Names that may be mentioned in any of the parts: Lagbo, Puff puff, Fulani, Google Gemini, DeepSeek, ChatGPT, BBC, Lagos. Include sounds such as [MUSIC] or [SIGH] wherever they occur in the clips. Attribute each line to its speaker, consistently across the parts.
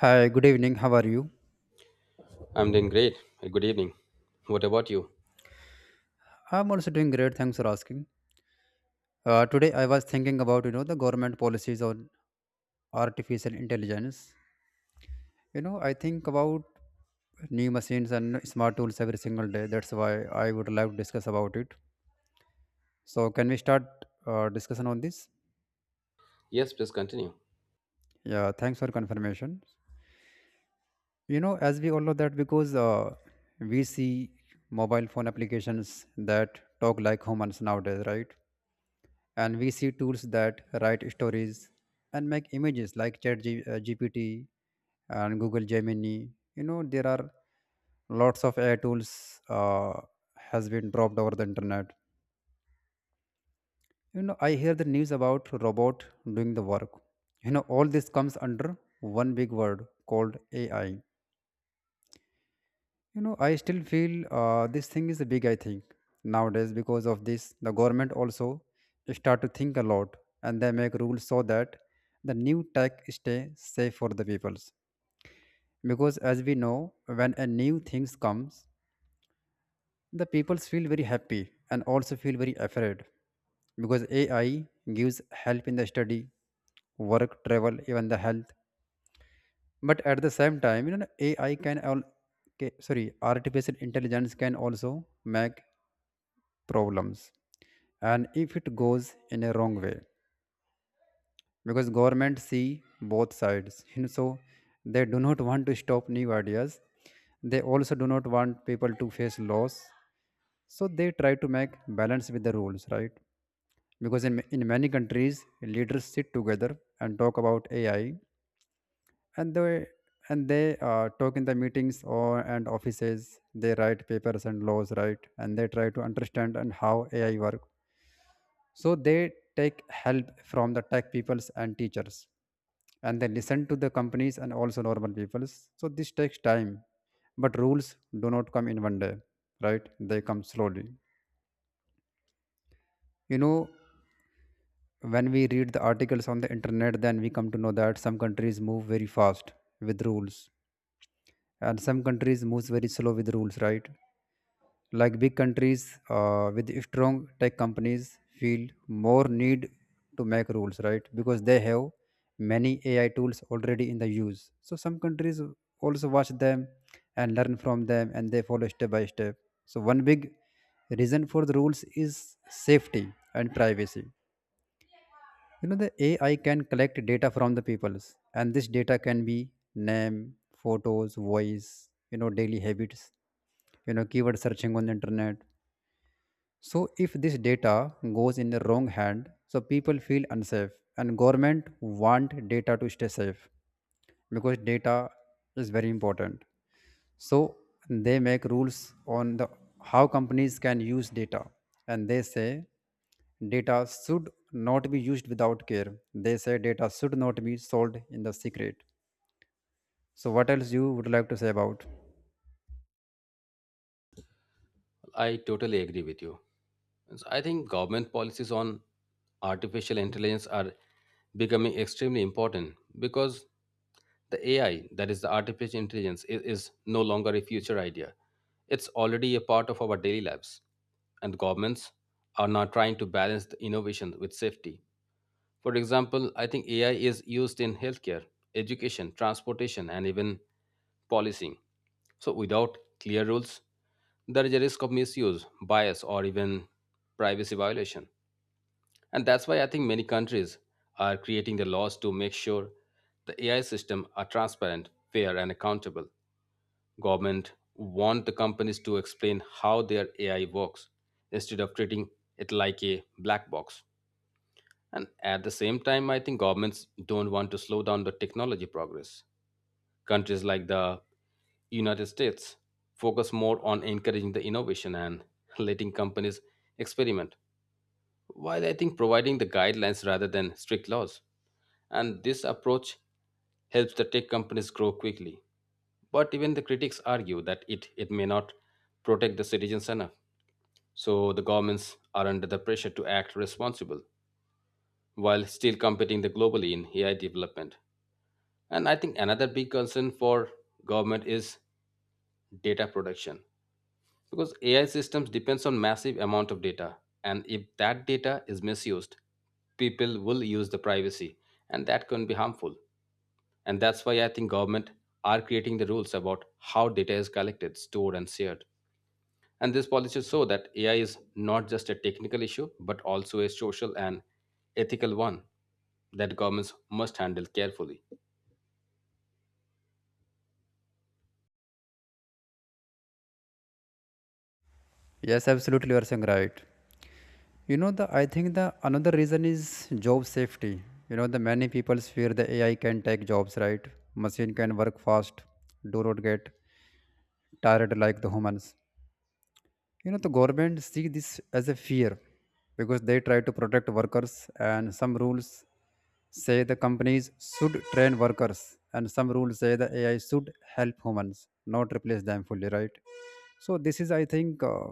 Speaker 1: Hi, good evening. How are you?
Speaker 2: I'm doing great. Hey, good evening. What about you?
Speaker 1: I'm also doing great. Thanks for asking. Today I was thinking about the government policies on artificial intelligence. You know I think about new machines and smart tools every single day. That's why I would like to discuss about it. So can we start discussion on this?
Speaker 2: Yes, please continue.
Speaker 1: Yeah. Thanks for confirmation. As we all know that because we see mobile phone applications that talk like humans nowadays, right? And we see tools that write stories and make images like ChatGPT and Google Gemini. There are lots of AI tools has been dropped over the internet. You know I hear the news about robot doing the work. All this comes under one big word called AI. You know, I still feel this thing is a big, I think, nowadays because of this. The government also start to think a lot, and they make rules so that the new tech stay safe for the peoples. Because as we know, when a new things comes, the peoples feel very happy and also feel very afraid, because AI gives help in the study, work, travel, even the health. But at the same time, AI can all, okay, sorry, artificial intelligence can also make problems, and if it goes in a wrong way, because government see both sides, [LAUGHS] so they do not want to stop new ideas. They also do not want people to face loss, so they try to make balance with the rules, right? Because in many countries, leaders sit together and talk about AI, and they and they talk in the meetings or and offices. They write papers and laws, right? And they try to understand and how AI work. So they take help from the tech peoples and teachers, and they listen to the companies and also normal peoples. So this takes time, but rules do not come in one day, right? They come slowly. you know when we read the articles on the internet, then we come to know that some countries move very fast with rules, and some countries moves very slow with rules, right? Like big countries with strong tech companies feel more need to make rules, right? Because they have many AI tools already in the use. So some countries also watch them and learn from them, and they follow step by step. So one big reason for the rules is safety and privacy. The AI can collect data from the peoples, and this data can be name, photos, voice, daily habits, keyword searching on the internet. So if this data goes in the wrong hand, so people feel unsafe, and government want data to stay safe, because data is very important. So they make rules on the how companies can use data, and they say data should not be used without care. They say data should not be sold in the secret. So what else you would like to say about?
Speaker 2: I totally agree with you. So I think government policies on artificial intelligence are becoming extremely important because the AI, that is the artificial intelligence, is no longer a future idea. It's already a part of our daily lives, and governments are now trying to balance the innovation with safety. For example, I think AI is used in healthcare, education, transportation, and even policing. So, without clear rules, there is a risk of misuse, bias, or even privacy violation. And that's why I think many countries are creating the laws to make sure the AI system are transparent, fair, and accountable. Government want the companies to explain how their AI works instead of treating it like a black box. And at the same time, I think governments don't want to slow down the technology progress. Countries like the United States focus more on encouraging the innovation and [LAUGHS] letting companies experiment, while I think providing the guidelines rather than strict laws. And this approach helps the tech companies grow quickly. But even the critics argue that it may not protect the citizens enough. So the governments are under the pressure to act responsible while still competing the globally in AI development. And I think another big concern for government is data production, because AI systems depends on massive amount of data, and if that data is misused, people will use the privacy, and that can be harmful. And that's why I think government are creating the rules about how data is collected, stored, and shared. And this policy show that AI is not just a technical issue but also a social and ethical one that governments must handle carefully.
Speaker 1: Yes, absolutely you are saying right. The I think the another reason is job safety. The many people fear the AI can take jobs, right? Machine can work fast, do not get tired like the humans. The government see this as a fear, because they try to protect workers. And some rules say the companies should train workers, and some rules say the AI should help humans, not replace them fully, right? So this is, I think,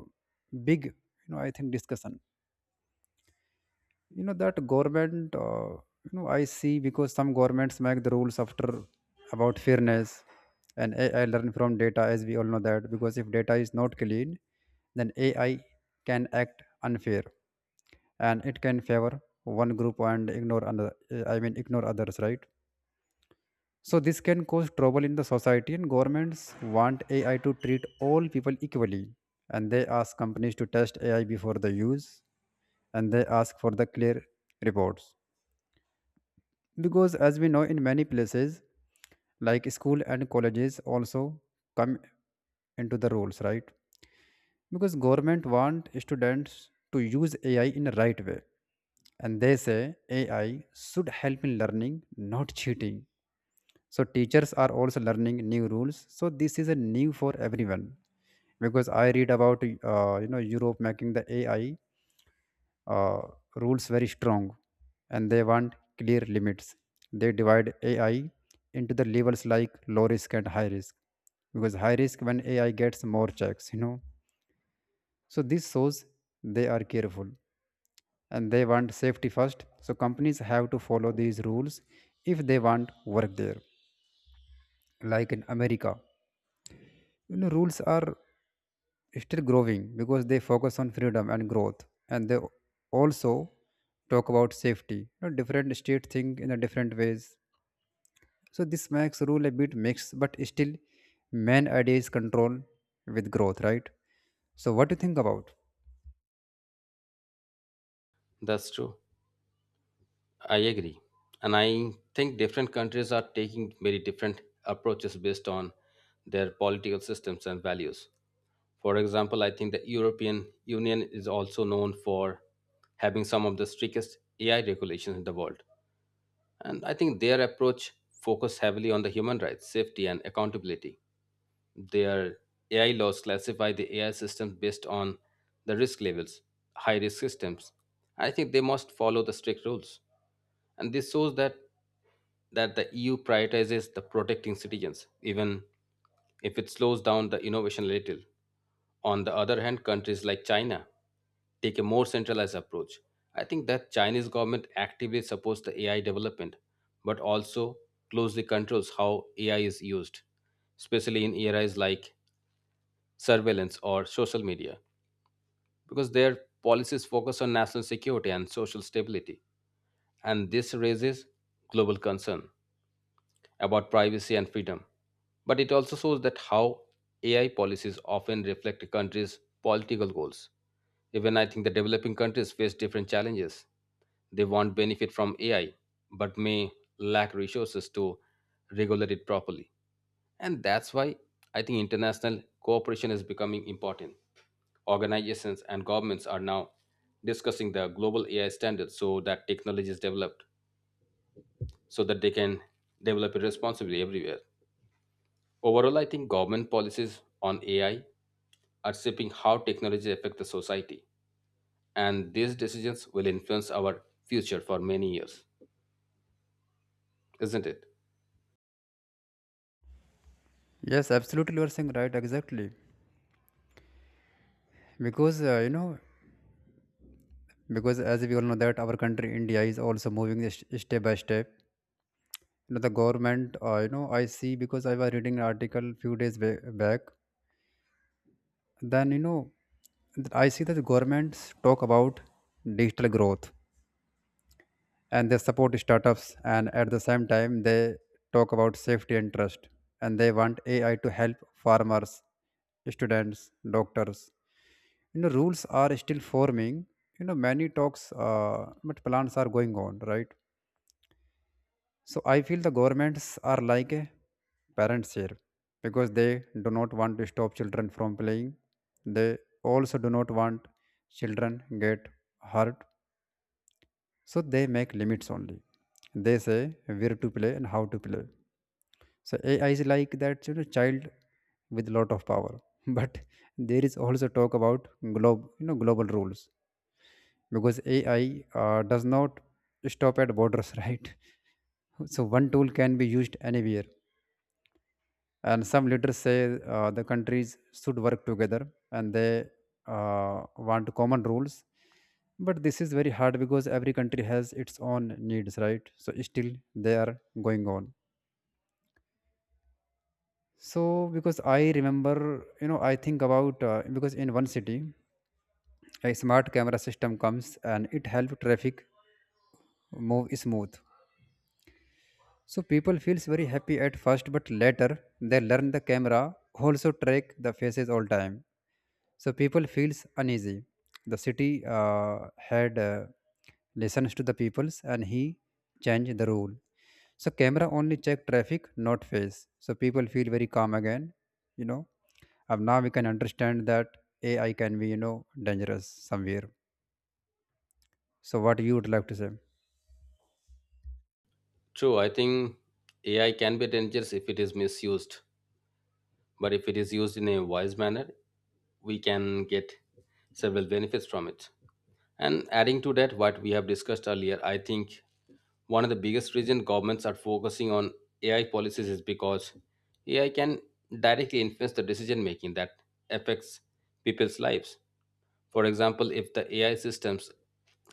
Speaker 1: big, I think, discussion. That government, I see, because some governments make the rules after about fairness. And AI learn from data, as we all know, that because if data is not clean, then AI can act unfair, and it can favor one group and ignore another. I mean, ignore others, right? So this can cause trouble in the society, and governments want AI to treat all people equally, and they ask companies to test AI before the use, and they ask for the clear reports. Because as we know, in many places like school and colleges also come into the rules, right? Because government want students to use AI in a right way, and they say AI should help in learning, not cheating. So teachers are also learning new rules, so this is a new for everyone. Because I read about, europe making the AI uh, rules very strong, and they want clear limits. They divide AI into the levels like low risk and high risk. Because high risk when AI gets more checks, so this shows they are careful, and they want safety first. So companies have to follow these rules if they want work there. Like in america, rules are still growing, because they focus on freedom and growth, and they also talk about safety. Different states think in a different ways, so this makes rule a bit mixed, but still main idea is control with growth, right? So what do you think about?
Speaker 2: That's true. I agree. And I think different countries are taking very different approaches based on their political systems and values. For example, I think the European Union is also known for having some of the strictest AI regulations in the world. And I think their approach focuses heavily on the human rights, safety, and accountability. Their AI laws classify the AI systems based on the risk levels, high risk systems. I think they must follow the strict rules. And this shows that the EU prioritizes the protecting citizens, even if it slows down the innovation a little. On the other hand, countries like China take a more centralized approach. I think that Chinese government actively supports the AI development, but also closely controls how AI is used, especially in areas like surveillance or social media, because their policies focus on national security and social stability. And this raises global concern about privacy and freedom. But it also shows that how AI policies often reflect a country's political goals. Even I think the developing countries face different challenges. They want benefit from AI, but may lack resources to regulate it properly. And that's why I think international cooperation is becoming important. Organizations and governments are now discussing the global AI standards so that technology is developed, so that they can develop it responsibly everywhere. Overall, I think government policies on AI are shaping how technology affects the society, and these decisions will influence our future for many years, isn't it?
Speaker 1: Yes, absolutely you are saying right, exactly. Because because as we all know that our country india is also moving step by step. The government, I see, because I was reading an article few days back. Then I see that governments talk about digital growth, and they support startups. And at the same time, they talk about safety and trust, and they want AI to help farmers, students, doctors. Rules are still forming. Many talks, but plans are going on, right? So I feel the governments are like a parents here, because they do not want to stop children from playing. They also do not want children get hurt. So they make limits only. They say where to play and how to play. So AI is like that, you know, child with lot of power. [LAUGHS] But there is also talk about globe, global rules, because AI does not stop at borders, [LAUGHS] right? So one tool can be used anywhere, and some leaders say, the countries should work together, and they want common rules. But this is very hard, because every country has its own needs, right? So still they are going on. So because I remember, I think about, because in one city a smart camera system comes, and it helps traffic move smooth. So people feels very happy at first, but later they learn the camera also track the faces all time. So people feels uneasy. The city had listens to the peoples, and he changed the rule. So camera only check traffic, not face. So people feel very calm again. You know, and now we can understand that AI can be, dangerous somewhere. So what you would like to say?
Speaker 2: True, I think AI can be dangerous if it is misused, but if it is used in a wise manner, we can get several benefits from it. And adding to that, what we have discussed earlier, I think one of the biggest reason governments are focusing on AI policies is because AI can directly influence the decision making that affects people's lives. For example, if the AI systems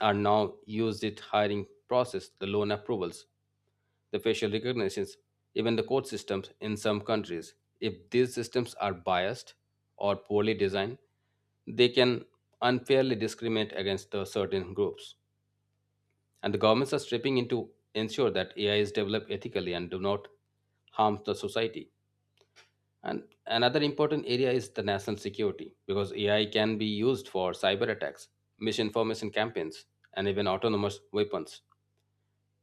Speaker 2: are now used in hiring process, the loan approvals, the facial recognitions, even the court systems in some countries, if these systems are biased or poorly designed, they can unfairly discriminate against the certain groups. And the governments are stepping in to ensure that AI is developed ethically and do not harm the society. And another important area is the national security, because AI can be used for cyber attacks, misinformation campaigns, and even autonomous weapons.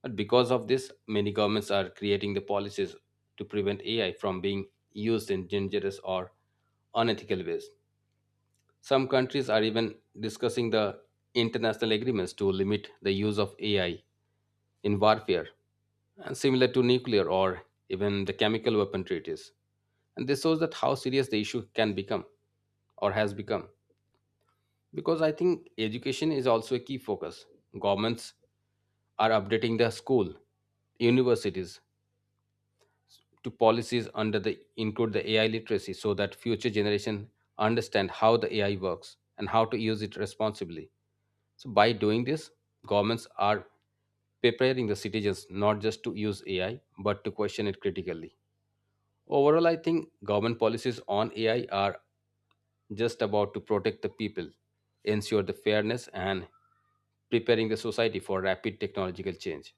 Speaker 2: But because of this, many governments are creating the policies to prevent AI from being used in dangerous or unethical ways. Some countries are even discussing the international agreements to limit the use of AI in warfare, and similar to nuclear or even the chemical weapon treaties. And this shows that how serious the issue can become or has become. Because I think education is also a key focus. Governments are updating their school, universities to policies under the include the AI literacy so that future generation understand how the AI works and how to use it responsibly. So by doing this, governments are preparing the citizens not just to use AI but to question it critically. Overall, I think government policies on AI are just about to protect the people, ensure the fairness, and preparing the society for rapid technological change.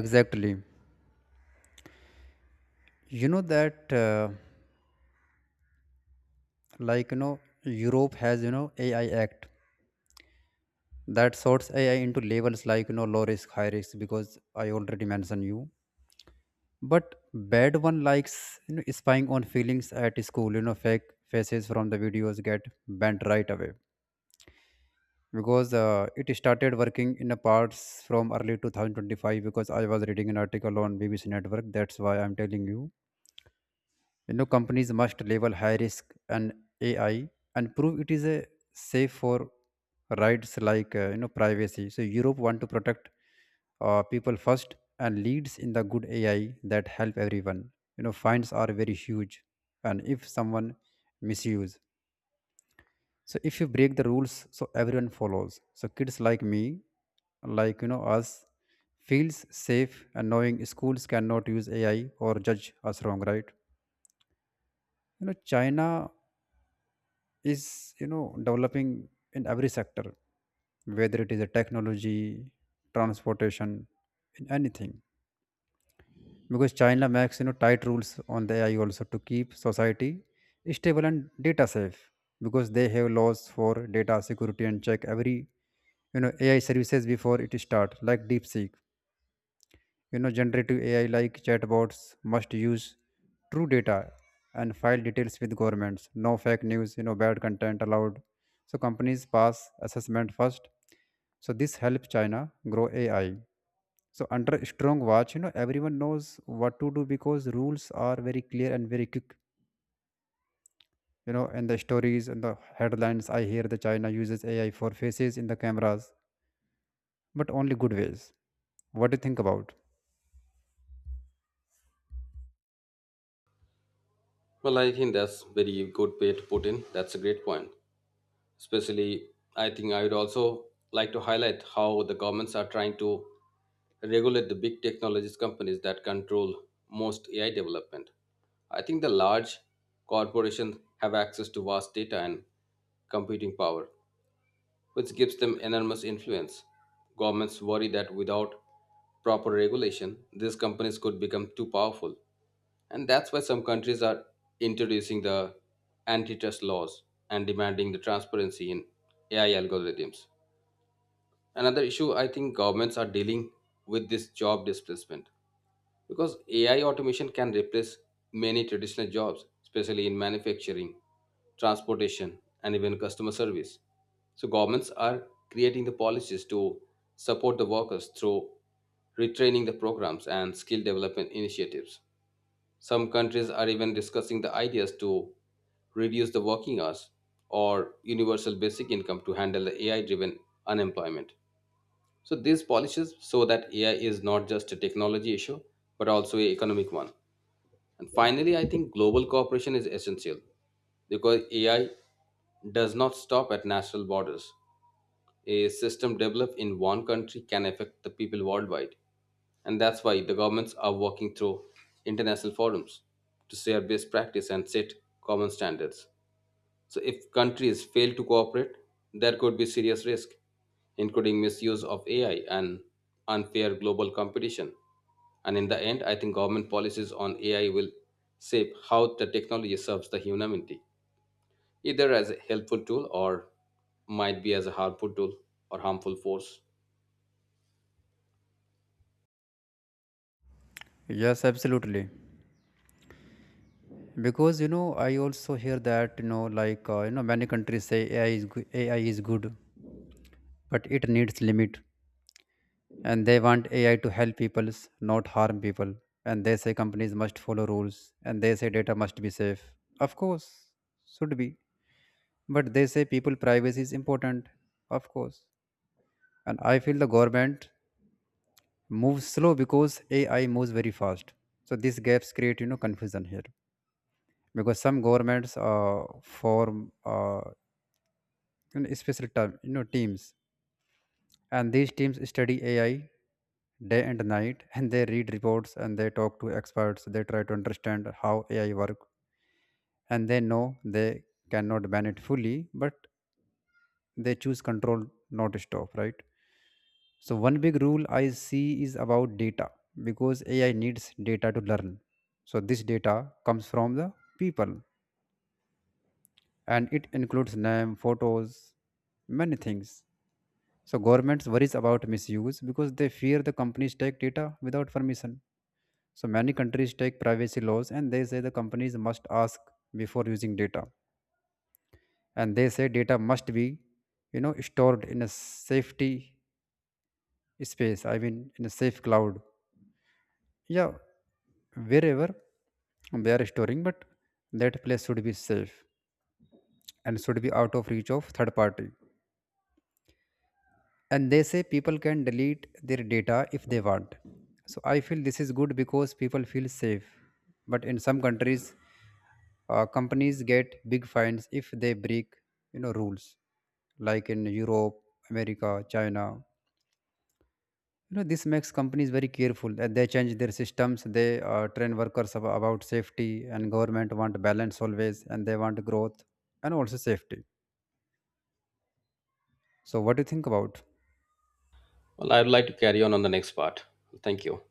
Speaker 1: Exactly. You know that. Like europe has, AI act that sorts AI into levels like, low risk, high risk, because I already mentioned you. But bad one likes, spying on feelings at school, fake faces from the videos, get banned right away. Because it started working in a parts from early 2025, because I was reading an article on BBC network, that's why I'm telling you. You know, companies must label high risk and AI and prove it is a safe for rights like, privacy. So Europe want to protect people first and leads in the good AI that help everyone. You know, fines are very huge, and if someone misuse, so if you break the rules, so everyone follows. So kids like me, like, us, feels safe and knowing schools cannot use AI or judge us wrong, right? You know, China is, developing in every sector, whether it is a technology, transportation, in anything. Because china makes, tight rules on the AI also to keep society stable and data safe, because they have laws for data security and check every, AI services before it start, like DeepSeek. Generative AI like chatbots must use true data and file details with governments. No fake news, you know, bad content allowed. So companies pass assessment first. So this helps China grow AI. So under strong watch, you know, everyone knows what to do, because rules are very clear and very quick. You know, in the stories and the headlines, I hear the China uses AI for faces in the cameras, but only good ways. What do you think about?
Speaker 2: Well, I think that's very good way to put in. That's a great point. Especially, I think I would also like to highlight how the governments are trying to regulate the big technologies companies that control most AI development. I think the large corporations have access to vast data and computing power, which gives them enormous influence. Governments worry that without proper regulation, these companies could become too powerful. And that's why some countries are introducing the antitrust laws and demanding the transparency in AI algorithms. Another issue I think governments are dealing with this job displacement. Because AI automation can replace many traditional jobs, especially in manufacturing, transportation, and even customer service. So, governments are creating the policies to support the workers through retraining the programs and skill development initiatives. Some countries are even discussing the ideas to reduce the working hours or universal basic income to handle the AI driven unemployment. So these polishes show that AI is not just a technology issue, but also an economic one. And finally, I think global cooperation is essential because AI does not stop at national borders. A system developed in one country can affect the people worldwide. And that's why the governments are working through international forums to share best practice and set common standards. So if countries fail to cooperate, there could be serious risk, including misuse of AI and unfair global competition. And in the end, I think government policies on AI will shape how the technology serves the humanity, either as a helpful tool or might be as a harmful tool or harmful force.
Speaker 1: Yes, absolutely. Because I also hear that, like, many countries say ai is good, but it needs limit, and they want AI to help people, not harm people. And they say companies must follow rules, and they say data must be safe, of course, should be. But they say people privacy is important, of course. And I feel the government moves slow because AI moves very fast, so these gaps create, confusion here. Because some governments, form, in a special term, you know, teams. And these teams study AI day and night, [LAUGHS] and they read reports, and they talk to experts. They try to understand how AI work, and they know they cannot ban it fully, but they choose control, not stop. Right. So one big rule I see is about data, because AI needs data to learn. So this data comes from the people, and it includes name, photos, many things. So governments worries about misuse, because they fear the companies take data without permission. So many countries take privacy laws, and they say the companies must ask before using data. And they say data must be, you know, stored in a safety space. I mean, in a safe cloud. Yeah, wherever they are storing, but that place should be safe and should be out of reach of third party. And they say people can delete their data if they want. So I feel this is good because people feel safe. But in some countries, companies get big fines if they break, rules, like in europe, america, china. This makes companies very careful, and they change their systems. They train workers about safety, and government want balance always, and they want growth and also safety. So what do you think about?
Speaker 2: Well, I would like to carry on the next part. Thank you.